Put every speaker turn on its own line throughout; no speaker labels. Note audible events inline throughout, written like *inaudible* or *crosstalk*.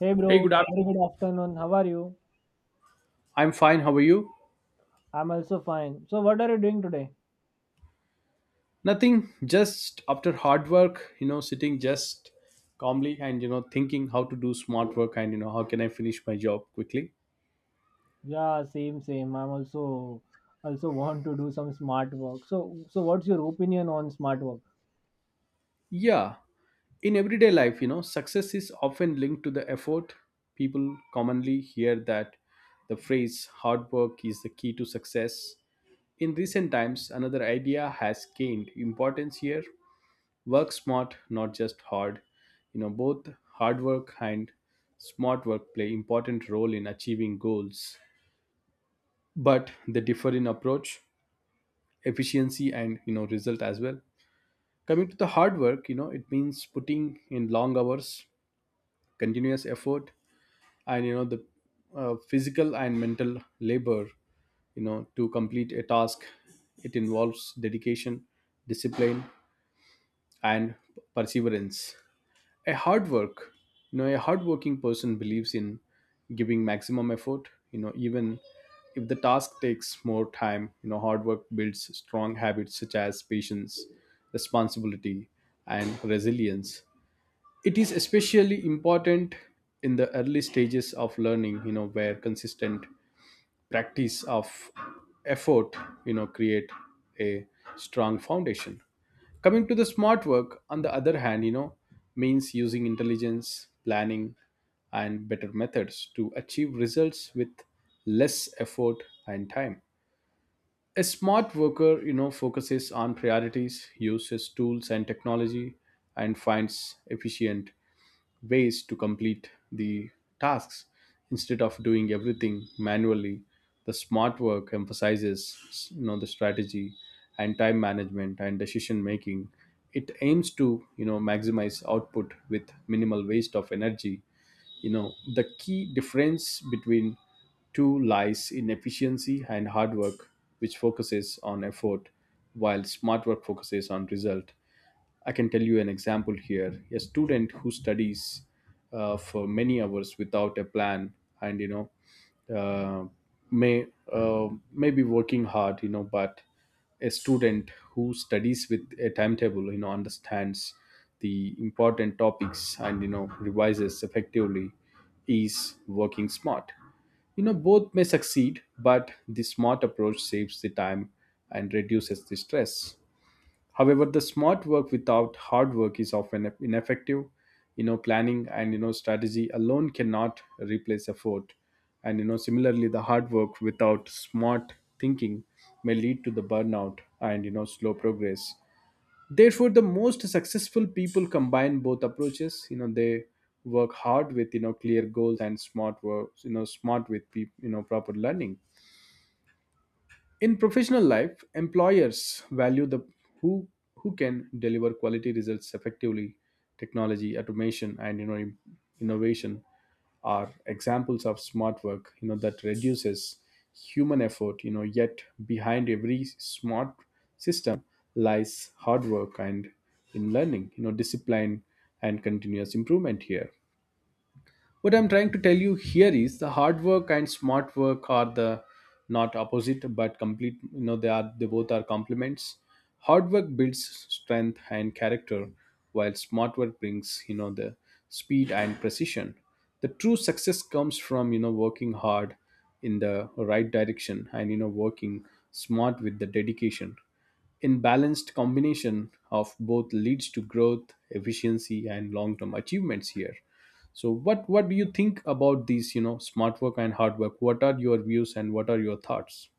Hey
Hey,
bro,
good
very
afternoon.
good afternoon. How are you?
I'm fine. How are you?
I'm also fine. So what are you doing today?
Nothing. Just after hard work, sitting just calmly and thinking how to do smart work and how can I finish my job quickly.
Yeah, same, same. I'm also want to do some smart work. So what's your opinion on smart work?
Yeah. In everyday life, success is often linked to the effort. People commonly hear that the phrase hard work is the key to success. In recent times, another idea has gained importance here. Work smart, not just hard. Both hard work and smart work play important role in achieving goals, but they differ in approach, efficiency, and result as well. Coming to the hard work, it means putting in long hours, continuous effort, and you know the physical and mental labor to complete a task. It involves dedication, discipline, and perseverance. A hard work, a hardworking person believes in giving maximum effort, even if the task takes more time. Hard work builds strong habits such as patience, responsibility, and resilience. It is especially important in the early stages of learning, where consistent practice of effort, create a strong foundation. Coming to the smart work, on the other hand, means using intelligence, planning, and better methods to achieve results with less effort and time. A smart worker, focuses on priorities, uses tools and technology, and finds efficient ways to complete the tasks instead of doing everything manually. The smart work emphasizes the strategy and time management and decision making. It aims to maximize output with minimal waste of energy. The key difference between two lies in efficiency, and hard work, which focuses on effort, while smart work focuses on result. I can tell you an example here. A student who studies for many hours without a plan, and you know, uh, may may be working hard, you know, but a student who studies with a timetable, you know, understands the important topics and revises effectively, is working smart. You know, both may succeed, but the smart approach saves the time and reduces the stress. However, the smart work without hard work is often ineffective. You know, planning and strategy alone cannot replace effort. And you know, similarly, the hard work without smart thinking may lead to the burnout and slow progress. Therefore, the most successful people combine both approaches. You know, they work hard with clear goals, and smart work. You know, proper learning. In professional life, employers value the who who can deliver quality results effectively. Technology, automation, and innovation are examples of smart work. You know that reduces human effort. You know, yet behind every smart system lies hard work and in learning. You know discipline and continuous improvement here. What I'm trying to tell you here is the hard work and smart work are the not opposite but complete. They both are complements. Hard work builds strength and character, while smart work brings the speed and precision. The true success comes from working hard in the right direction, and working smart with the dedication. In balanced combination of both leads to growth, efficiency, and long-term achievements here. So what do you think about these, smart work and hard work? What are your views and what are your thoughts?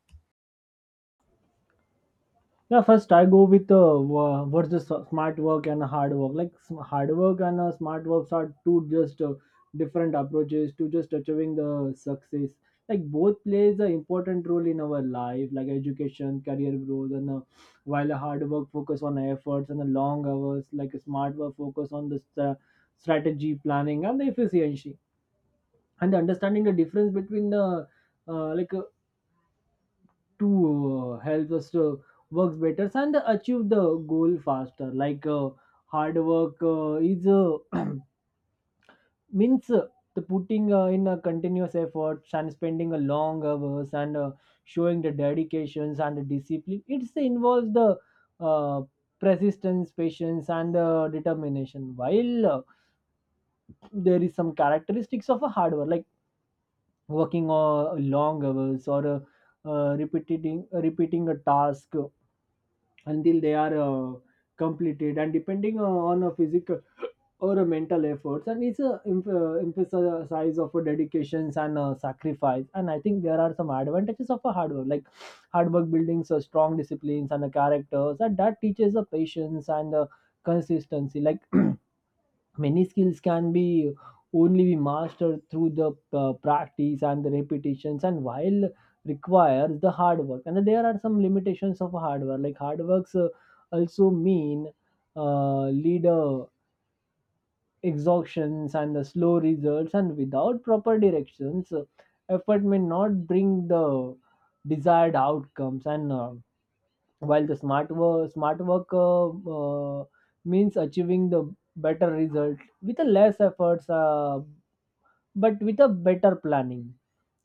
Yeah, first I go with what's the smart work and hard work. Like hard work and smart works are two just different approaches to just achieving the success. Like both plays an important role in our life, like education, career growth, and while a hard work focus on efforts and the long hours, like a smart work focus on the strategy, planning, and the efficiency, and understanding the difference between the like to help us to work better and achieve the goal faster like hard work is *clears throat* means the putting in a continuous efforts and spending a long hours and showing the dedications and the discipline. It involves the uh, persistence, patience, and determination. While there is some characteristics of a hard work like working long hours or repeating a task until they are completed, and depending on a physical or a mental efforts, and it's a emphasize of a dedications and a sacrifice. And I think there are some advantages of a hard work like hard work buildings a strong disciplines and a characters, and that teaches a patience and a consistency. Like many skills can be only be mastered through the practice and the repetitions, and while requires the hard work. And there are some limitations of hard work like hard works also mean lead exhaustions and the slow results, and without proper directions effort may not bring the desired outcomes. And while the smart work means achieving the better result with a less efforts, but with a better planning.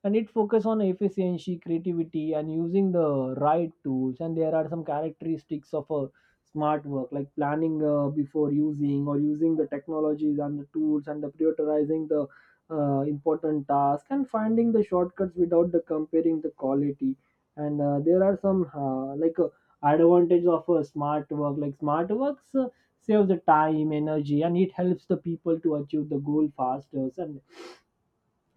And it focus on efficiency, creativity, and using the right tools. And there are some characteristics of a smart work like planning before using or using the technologies and the tools and the prioritizing the important task and finding the shortcuts without the comparing the quality. And there are some advantage of a smart work like smart works save the time, energy, and it helps the people to achieve the goal faster and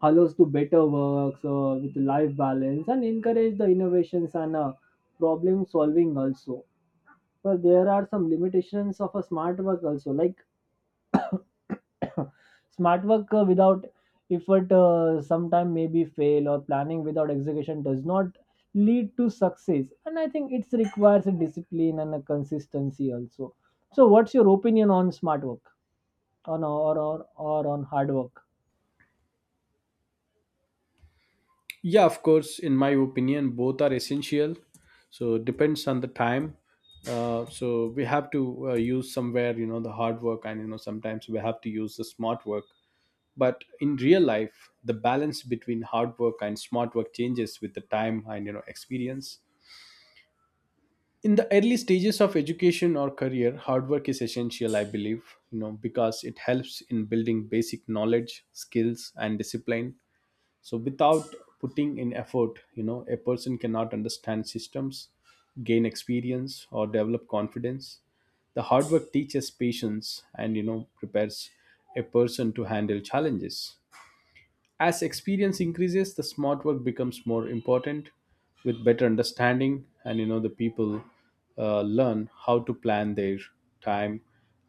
allows to better works with life balance and encourage the innovations and problem solving also. But there are some limitations of a smart work also like *coughs* smart work without effort sometime may be fail, or planning without execution does not lead to success. And I think it requires a discipline and a consistency also. So what's your opinion on smart work on or on hard work?
Yeah, of course, in my opinion both are essential. So it depends on the time. So we have to use somewhere, the hard work, and you know sometimes we have to use the smart work. But in real life, the balance between hard work and smart work changes with the time and experience. In the early stages of education or career, hard work is essential, I believe, you know, because it helps in building basic knowledge, skills, and discipline. So without putting in effort, you know, a person cannot understand systems, gain experience, or develop confidence. The hard work teaches patience and prepares a person to handle challenges. As experience increases, the smart work becomes more important. With better understanding, and you know, the people learn how to plan their time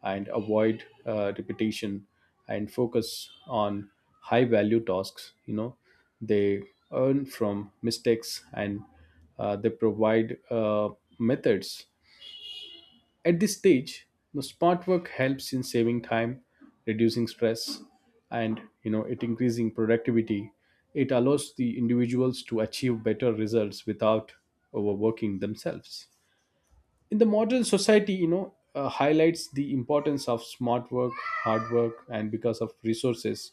and avoid repetition and focus on high value tasks. You know, they earn from mistakes and they provide methods. At this stage, the smart work helps in saving time, reducing stress, and it increasing productivity. It allows the individuals to achieve better results without overworking themselves. In the modern society, you know, highlights the importance of smart work, hard work, and because of resources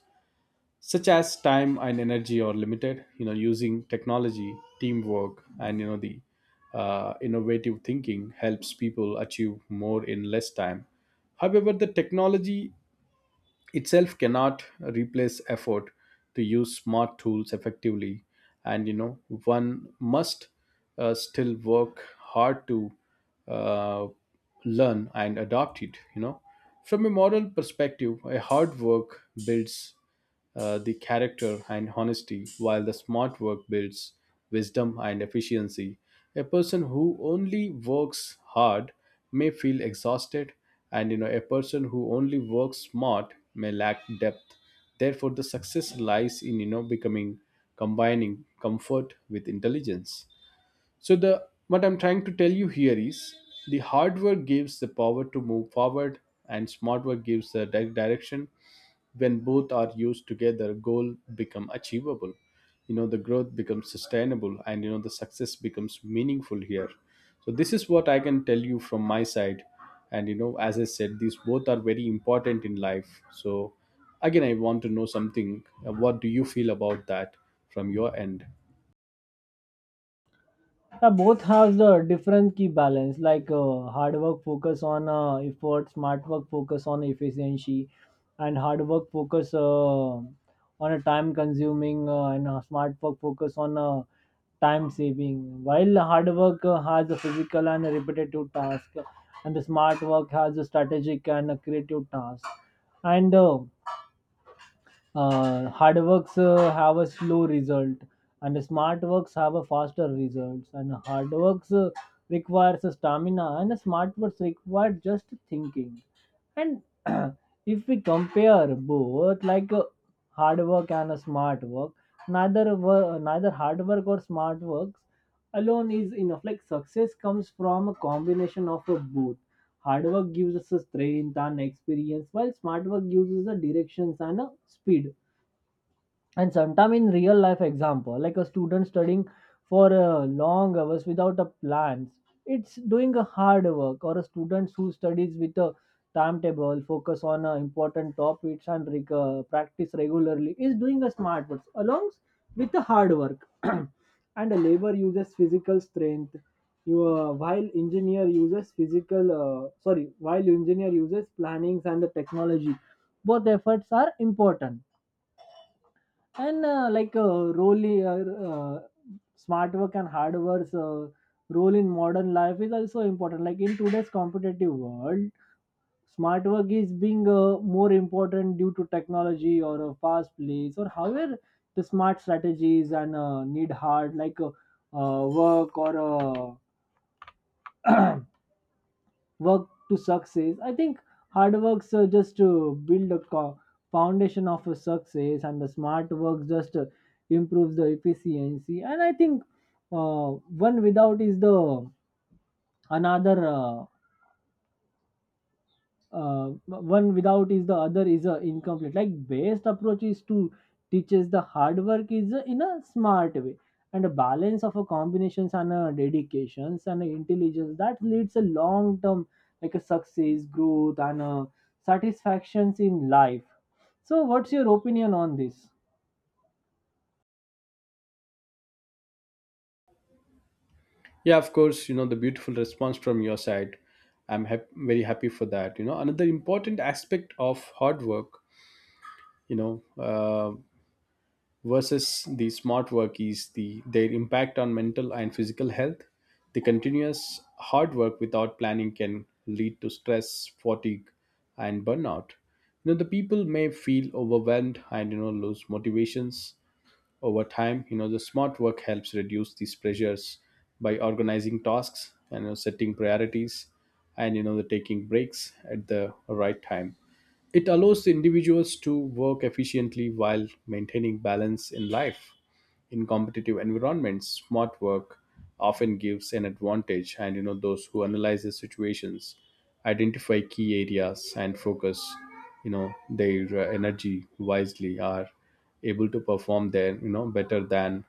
such as time and energy are limited. You know, using technology, teamwork, and you know the innovative thinking helps people achieve more in less time. However, the technology itself cannot replace effort. To use smart tools effectively, and you know, one must still work hard to uh, learn and adopt it. You know, from a moral perspective, a hard work builds the character and honesty, while the smart work builds wisdom and efficiency. A person who only works hard may feel exhausted, and you know, a person who only works smart may lack depth. Therefore, the success lies in you know becoming combining comfort with intelligence. So the what I'm trying to tell you here is the hard work gives the power to move forward, and smart work gives the direction. When both are used together, goal become achievable. You know, the growth becomes sustainable and the success becomes meaningful here. So this is what I can tell you from my side. And you know, as I said, these both are very important in life. So again, I want to know something. What do you feel about that from your end?
Yeah, both have the different key balance like hard work focus on effort, smart work focus on efficiency, and hard work focus on a time consuming, and smart work focus on time saving. While hard work has a physical and a repetitive task and the smart work has a strategic and a creative task, and hard works have a slow result, and smart works have a faster results. And hard works requires a stamina, and smart works require just thinking. And *clears throat* if we compare both, like hard work and a smart work, neither hard work or smart works alone is enough. Like success comes from a combination of a both. Hard work gives us a strength and experience, while smart work gives us a directions and a speed. And sometime in real life example like a student studying for long hours without a plans, it's doing a hard work, or a student who studies with a timetable focus on important topics and practice regularly is doing a smart work along with the hard work. *clears throat* And a labor uses physical strength, while engineer uses physical sorry while engineer uses plannings and the technology. Both efforts are important. And like role smart work and hard work's role in modern life is also important. Like in today's competitive world, smart work is being more important due to technology or a fast pace. Or however, the smart strategies and need hard like work or work to success, I think. Hard works just to build a foundation of a success, and the smart works just improves the efficiency. And I think uh, one without is the another uh, one without is the other is a incomplete. Like best approach is to teaches the hard work is in a smart way and a balance of a combinations and a dedications and a intelligence that leads a long term like a success, growth, and a satisfactions in life. So what's your opinion on this?
Yeah, of course, you know, the beautiful response from your side. Very happy for that. You know, another important aspect of hard work, you know, uh, versus the smart work is the their impact on mental and physical health. The continuous hard work without planning can lead to stress, fatigue, and burnout. You know, the people may feel overwhelmed and lose motivations over time. You know, the smart work helps reduce these pressures by organizing tasks and you know, setting priorities and the taking breaks at the right time. It allows individuals to work efficiently while maintaining balance in life. In competitive environments, smart work often gives an advantage, and you know, those who analyze the situations, identify key areas, and focus their energy wisely are able to perform there, you know, better than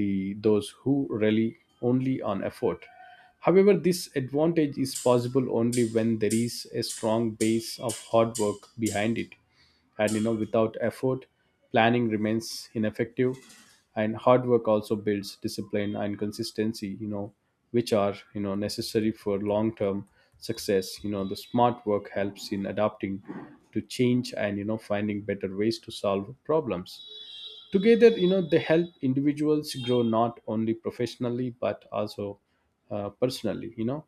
the those who rely only on effort. However, this advantage is possible only when there is a strong base of hard work behind it. And you know, without effort, planning remains ineffective. And hard work also builds discipline and consistency, you know, which are necessary for long term success. You know, the smart work helps in adapting to change and finding better ways to solve problems. Together, you know, they help individuals grow not only professionally but also personally. You know,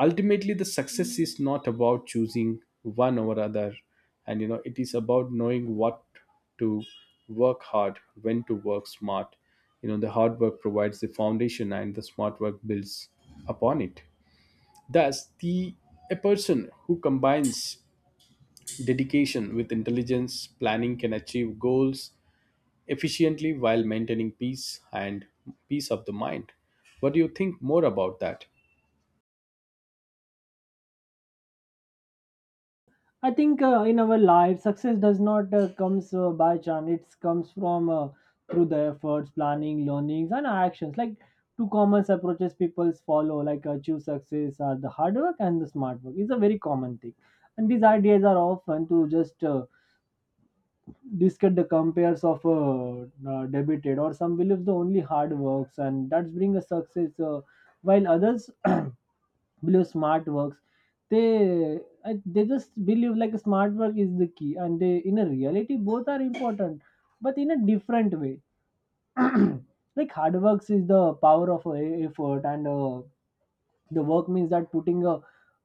ultimately, the success is not about choosing one over other, and you know, it is about knowing what to work hard, when to work smart. You know, the hard work provides the foundation, and the smart work builds upon it. Thus, the a person who combines dedication with intelligence planning can achieve goals efficiently while maintaining peace of the mind. What do you think more about that?
I think in our life, success does not comes by chance. It comes from through the efforts, planning, learnings, and actions. Like two common approaches people follow, like achieve success, are the hard work and the smart work. It's a very common thing, and these ideas are often to just discuss the compares of debated, or some believes the only hard works, and that's bring a success, while others *clears throat* believe smart works. they they just believe like smart work is the key, and they in a reality both are important, but in a different way. *clears throat* Like hard works is the power of effort. And the work means that putting a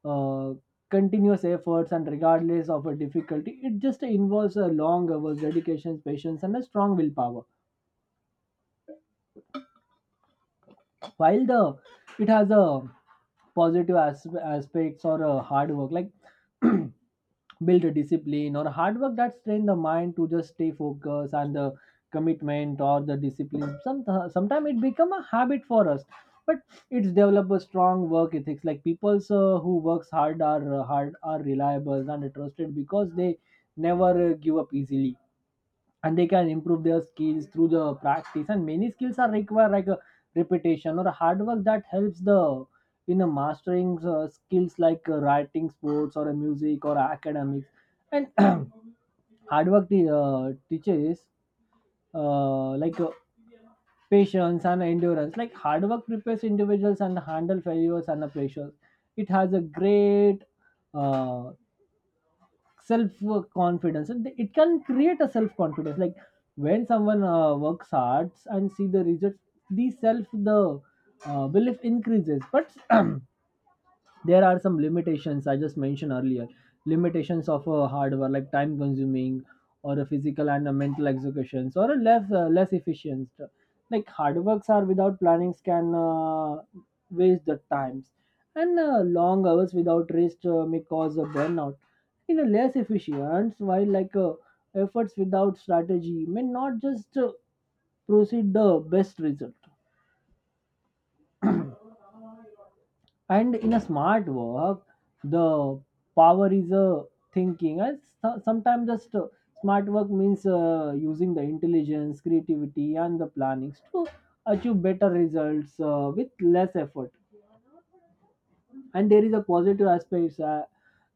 uh, continuous efforts, and regardless of a difficulty it just involves a long hours, dedication, patience, and a strong willpower. While the it has a positive aspects or a hard work like *clears throat* build a discipline or hard work that train the mind to just stay focused and the commitment or the discipline. Sometimes it become a habit for us, but it's develop a strong work ethics. Like people who works hard are reliable and trusted because they never give up easily, and they can improve their skills through the practice. And many skills are require like a repetition or hard work that helps the in a mastering skills like writing, sports, or a music, or academics. And *clears throat* hard work the teaches uh, like uh, patience and endurance. Like hard work prepares individuals and handle failures and the pressures. It has a great uh, self confidence, and it can create a self confidence. Like when someone works hard and see the results, the belief increases. But *clears throat* there are some limitations I just mentioned earlier. Limitations of a hardware like time consuming or a physical and a mental executions or a less less efficient. Like hard works are without plannings can waste the times, and long hours without rest may cause a burnout in a less efficient. While like efforts without strategy may not just proceed the best result. And in a smart work, the power is a thinking. And sometimes just smart work means using the intelligence, creativity, and the plannings to achieve better results with less effort. And there is a positive aspects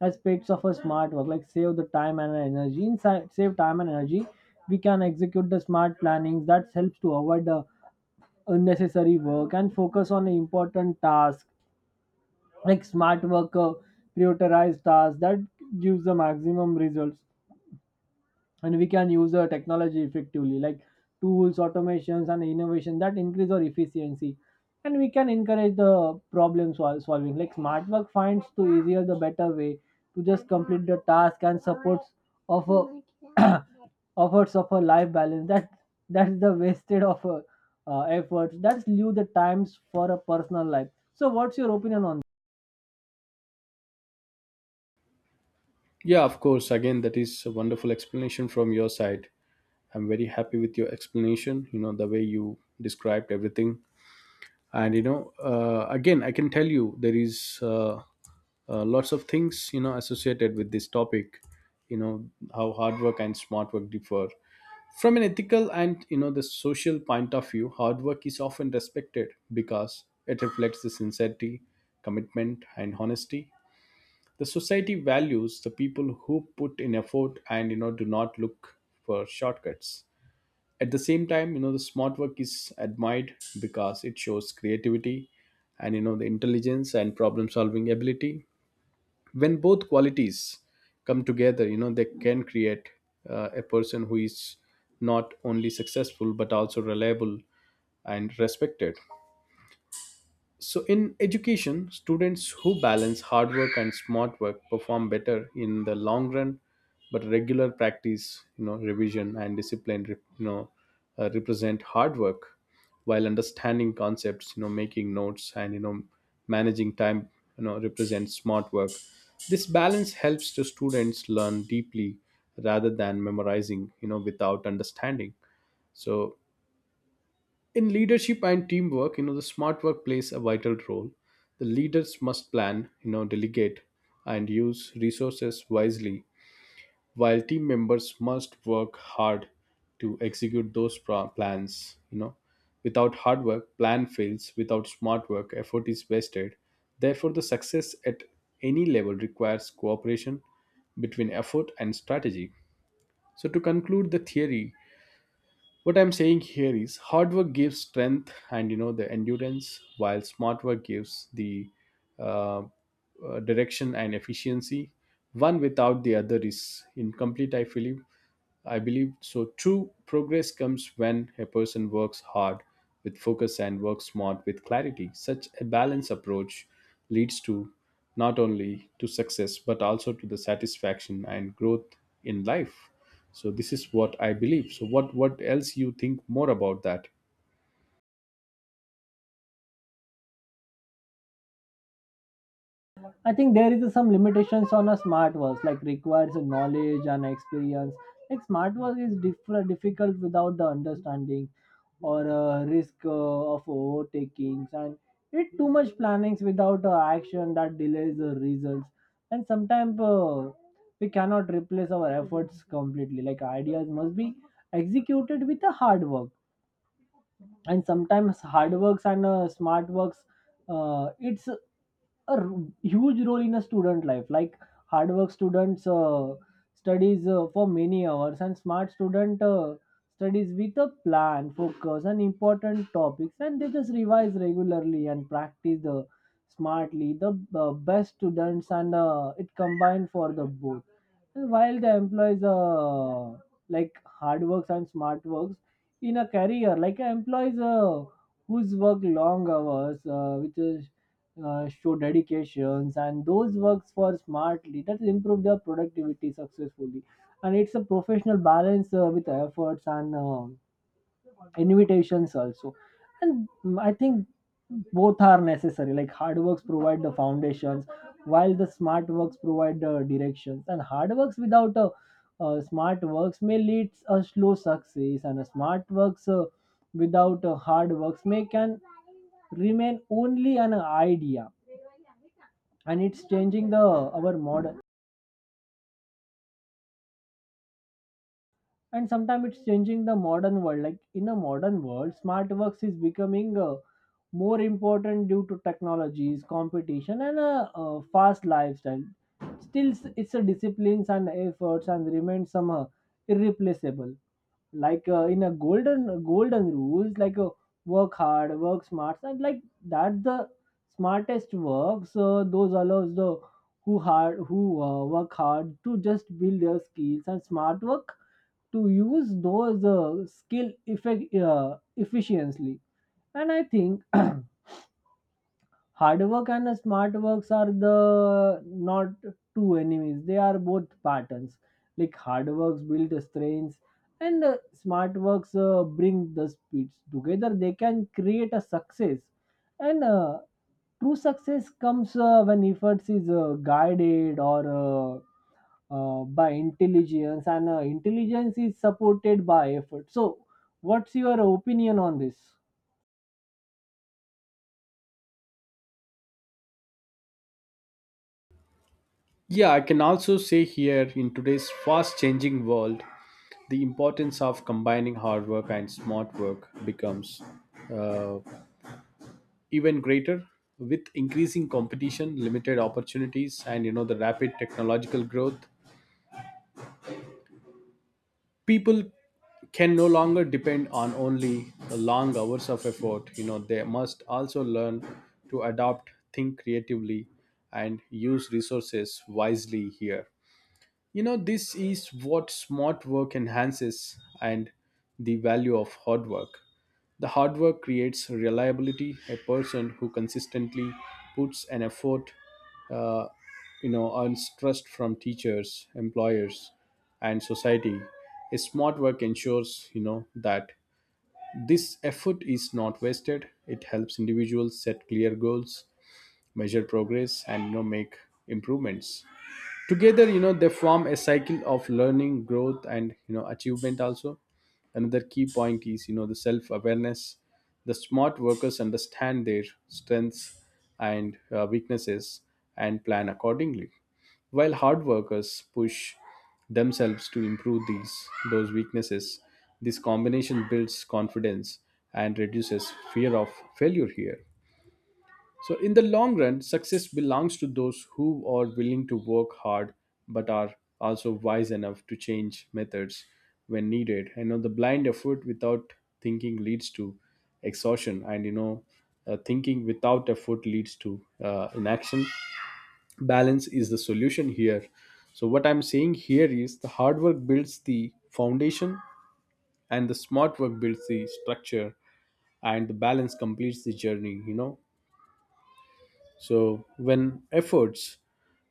aspects of a smart work like save the time and energy. Inside Save time and energy, we can execute the smart plannings that helps to avoid the unnecessary work and focus on the important tasks. Like smart worker prioritized tasks that gives the maximum results, and we can use the technology effectively like tools, automations, and innovation that increase our efficiency. And we can encourage the solving, like smart work finds to easier the better way to just complete the task and supports of a *clears throat* efforts of a life balance. That that's the wasted of a, efforts that's leave the times for a personal life. So what's your opinion on?
Yeah, of course. Again, that is a wonderful explanation from your side. I'm very happy with your explanation, you know, the way you described everything. And, you know, again, I can tell you there is lots of things, you know, associated with this topic. You know how hard work and smart work differ from an ethical and the social point of view. Hard work is often respected because it reflects the sincerity, commitment, and honesty. The society values the people who put in effort and do not look for shortcuts. At the same time, you know, the smart work is admired because it shows creativity and the intelligence and problem solving ability. When both qualities come together, you know, they can create a person who is not only successful but also reliable and respected. So, in education, students who balance hard work and smart work perform better in the long run. But regular practice, you know, revision and discipline, represent hard work, while understanding concepts, you know, making notes, and you know, managing time, you know, represents smart work. This balance helps the students learn deeply rather than memorizing, without understanding. So, in leadership and teamwork, the smart work plays a vital role. The leaders must plan, delegate and use resources wisely, while team members must work hard to execute plans. Without hard work, plan fails. Without smart work, effort is wasted. Therefore, the success at any level requires cooperation between effort and strategy. So, to conclude the theory, what I'm saying here is hard work gives strength and the endurance, while smart work gives the uh, direction and efficiency. One without the other is incomplete, I believe. I believe so. True progress comes when a person works hard with focus and works smart with clarity. Such a balanced approach leads to not only to success but also to the satisfaction and growth in life. So this is what I believe. So what else you think more about that?
I think there is some limitations on a smart watch, like requires a knowledge and experience. Like smart watch is difficult without the understanding or risk of overtakings, and it too much plannings without action that delays the results. And sometimes we cannot replace our efforts completely. Like ideas must be executed with a hard work, and sometimes hard works and smart works. It's huge role in a student life, like hard work students studies for many hours, and smart student studies with a plan, focus and important topics, and they just revise regularly and practice the smartly the best students, and it combined for the both. And while the employees like hard works and smart works in a career, like employees whose work long hours, which is show dedications, and those works for smartly that will improve their productivity successfully, and it's a professional balance with efforts and invitations also. And I think both are necessary, like hard works provide the foundations while the smart works provide the directions, and hard works without smart works may lead a slow success, and a smart works without a hard works may can remain only an idea. And it's changing the our modern, and sometimes it's changing the modern world, like in a modern world smart works is becoming more important due to technologies, competition and fast lifestyle. Still, it's a disciplines and efforts and remains somehow irreplaceable, like in a golden rules like work hard, work smart, and like that's the smartest work. So those allows the who hard who work hard to just build their skills, and smart work to use those skill effect efficiently. And I think *clears throat* hard work and smart works are the not two enemies. They are both patterns. Like hard works build the strengths, and smart works bring the speeds. Together, they can create a success. And true success comes when efforts is guided or by intelligence, and intelligence is supported by effort. So, what's your opinion on this?
Yeah, I can also say here in today's fast changing world, the importance of combining hard work and smart work becomes uh, even greater. With increasing competition, limited opportunities, and the rapid technological growth, people can no longer depend on only the long hours of effort. You know, they must also learn to adapt, think creatively, and use resources wisely here. You know, this is what smart work enhances, and the value of hard work. The hard work creates reliability. A person who consistently puts an effort, uh, earns trust from teachers, employers, and society. A smart work ensures, you know, that this effort is not wasted. It helps individuals set clear goals, measure progress, and make improvements. Together, they form a cycle of learning, growth, and achievement also. Another key point is the self awareness. The smart workers understand their strengths and weaknesses and plan accordingly, while hard workers push themselves to improve these those weaknesses. This combination builds confidence and reduces fear of failure here. So, in the long run, success belongs to those who are willing to work hard but are also wise enough to change methods when needed. I know the blind effort without thinking leads to exhaustion, and thinking without effort leads to inaction. Balance is the solution here. So, what I'm saying here is the hard work builds the foundation, and the smart work builds the structure, and the balance completes the journey. So,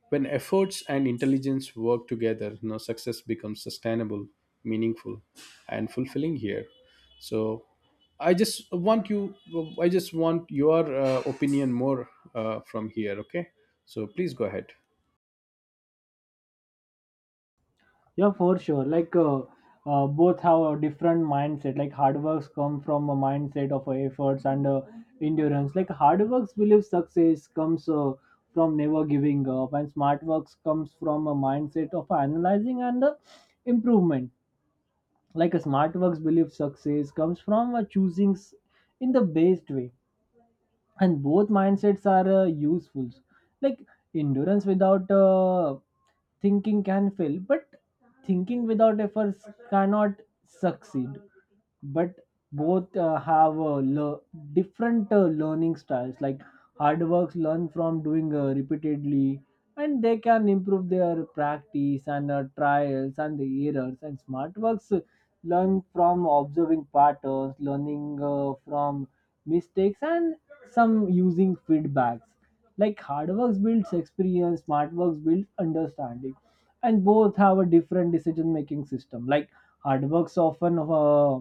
when efforts and intelligence work together, you know, success becomes sustainable, meaningful, and fulfilling here. So I just want you, I just want your opinion more from here. Okay, so please go ahead.
Yeah, for sure. Like, both have a different mindset. Like hard works come from a mindset of efforts and endurance. Like hard works believe success comes from never giving up, and smart works comes from a mindset of analyzing and improvement. Like a smart works believe success comes from in the best way, and both mindsets are useful, like endurance without thinking can fail, but thinking without efforts cannot succeed. But both have different learning styles, like hard works learn from doing repeatedly, and they can improve their practice and trials and the errors, and smart works learn from observing patterns, learning from mistakes and some using feedbacks. Like hard works builds experience, smart works builds understanding. And both have a different decision making system, like hard works often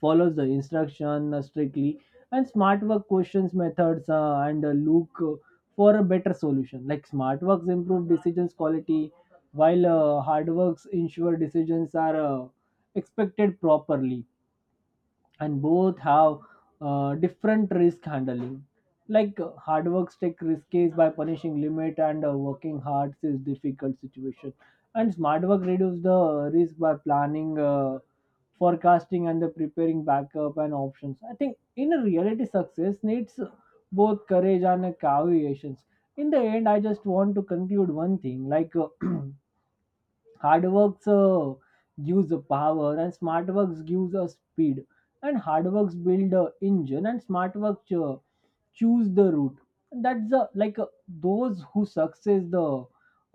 follows the instruction strictly, and smart work questions methods and look for a better solution. Like smart works improve decisions quality while hard works ensure decisions are expected properly. And both have different risk handling, like hard works take risks by punishing limit and working hard is difficult situation, and smart work reduce the risk by planning, forecasting and the preparing backup and options. I think in a reality success needs both courage and a caveations. In the end, I just want to conclude one thing, like *clears throat* hard works gives the power, and smart works gives us speed, and hard works build a engine, and smart work choose the route. And that's the those who success the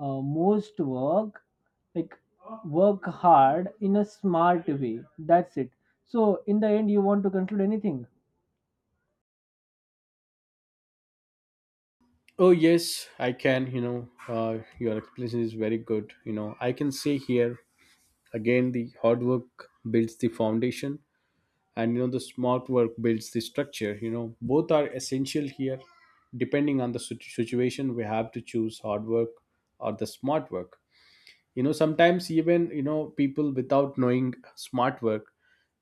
most work, like work hard in a smart way. That's it. So in the end, you want to conclude anything?
Oh yes, I can. You know, your explanation is very good. You know, I can say here again the hard work builds the foundation, and the smart work builds the structure. You know, both are essential here. Depending on the situation, we have to choose hard work or the smart work. You know, sometimes, even you know, people without knowing smart work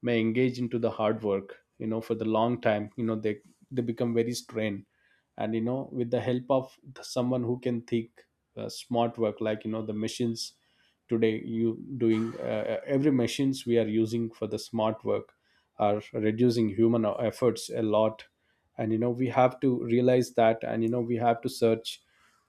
may engage into the hard work, you know, for the long time. You know, they become very strained, and you know, with the help of someone who can think smart work, like you know the machines today. You doing Every machines we are using for the smart work are reducing human efforts a lot. And you know, we have to realize that, and you know, we have to search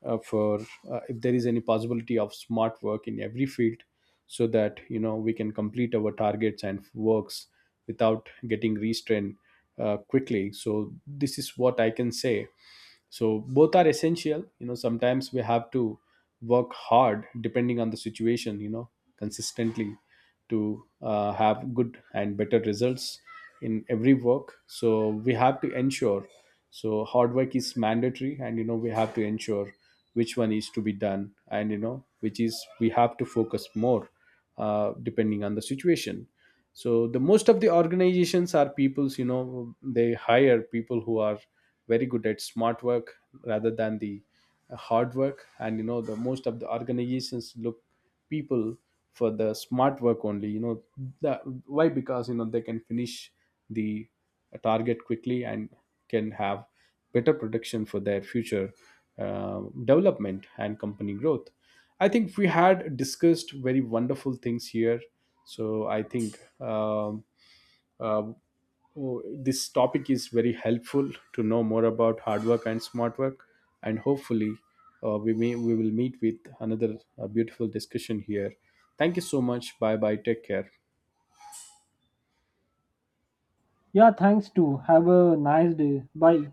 for if there is any possibility of smart work in every field, so that you know we can complete our targets and works without getting restrained quickly. So this is what I can say. So both are essential. You know, sometimes we have to work hard depending on the situation, you know, consistently, to have good and better results in every work. So we have to ensure, so hard work is mandatory, and you know we have to ensure which one is to be done, and you know which is we have to focus more depending on the situation. So the most of the organizations are people's, you know, they hire people who are very good at smart work rather than the hard work. And you know, the most of the organizations look people for the smart work only, you know, the, why? Because you know they can finish the target quickly and can have better production for their future development and company growth. I think we had discussed very wonderful things here. So I think uh, oh, this topic is very helpful to know more about hard work and smart work, and hopefully, we will meet with another beautiful discussion here. Thank you so much. Bye bye. Take care.
Yeah, thanks too. Have a nice day. Bye.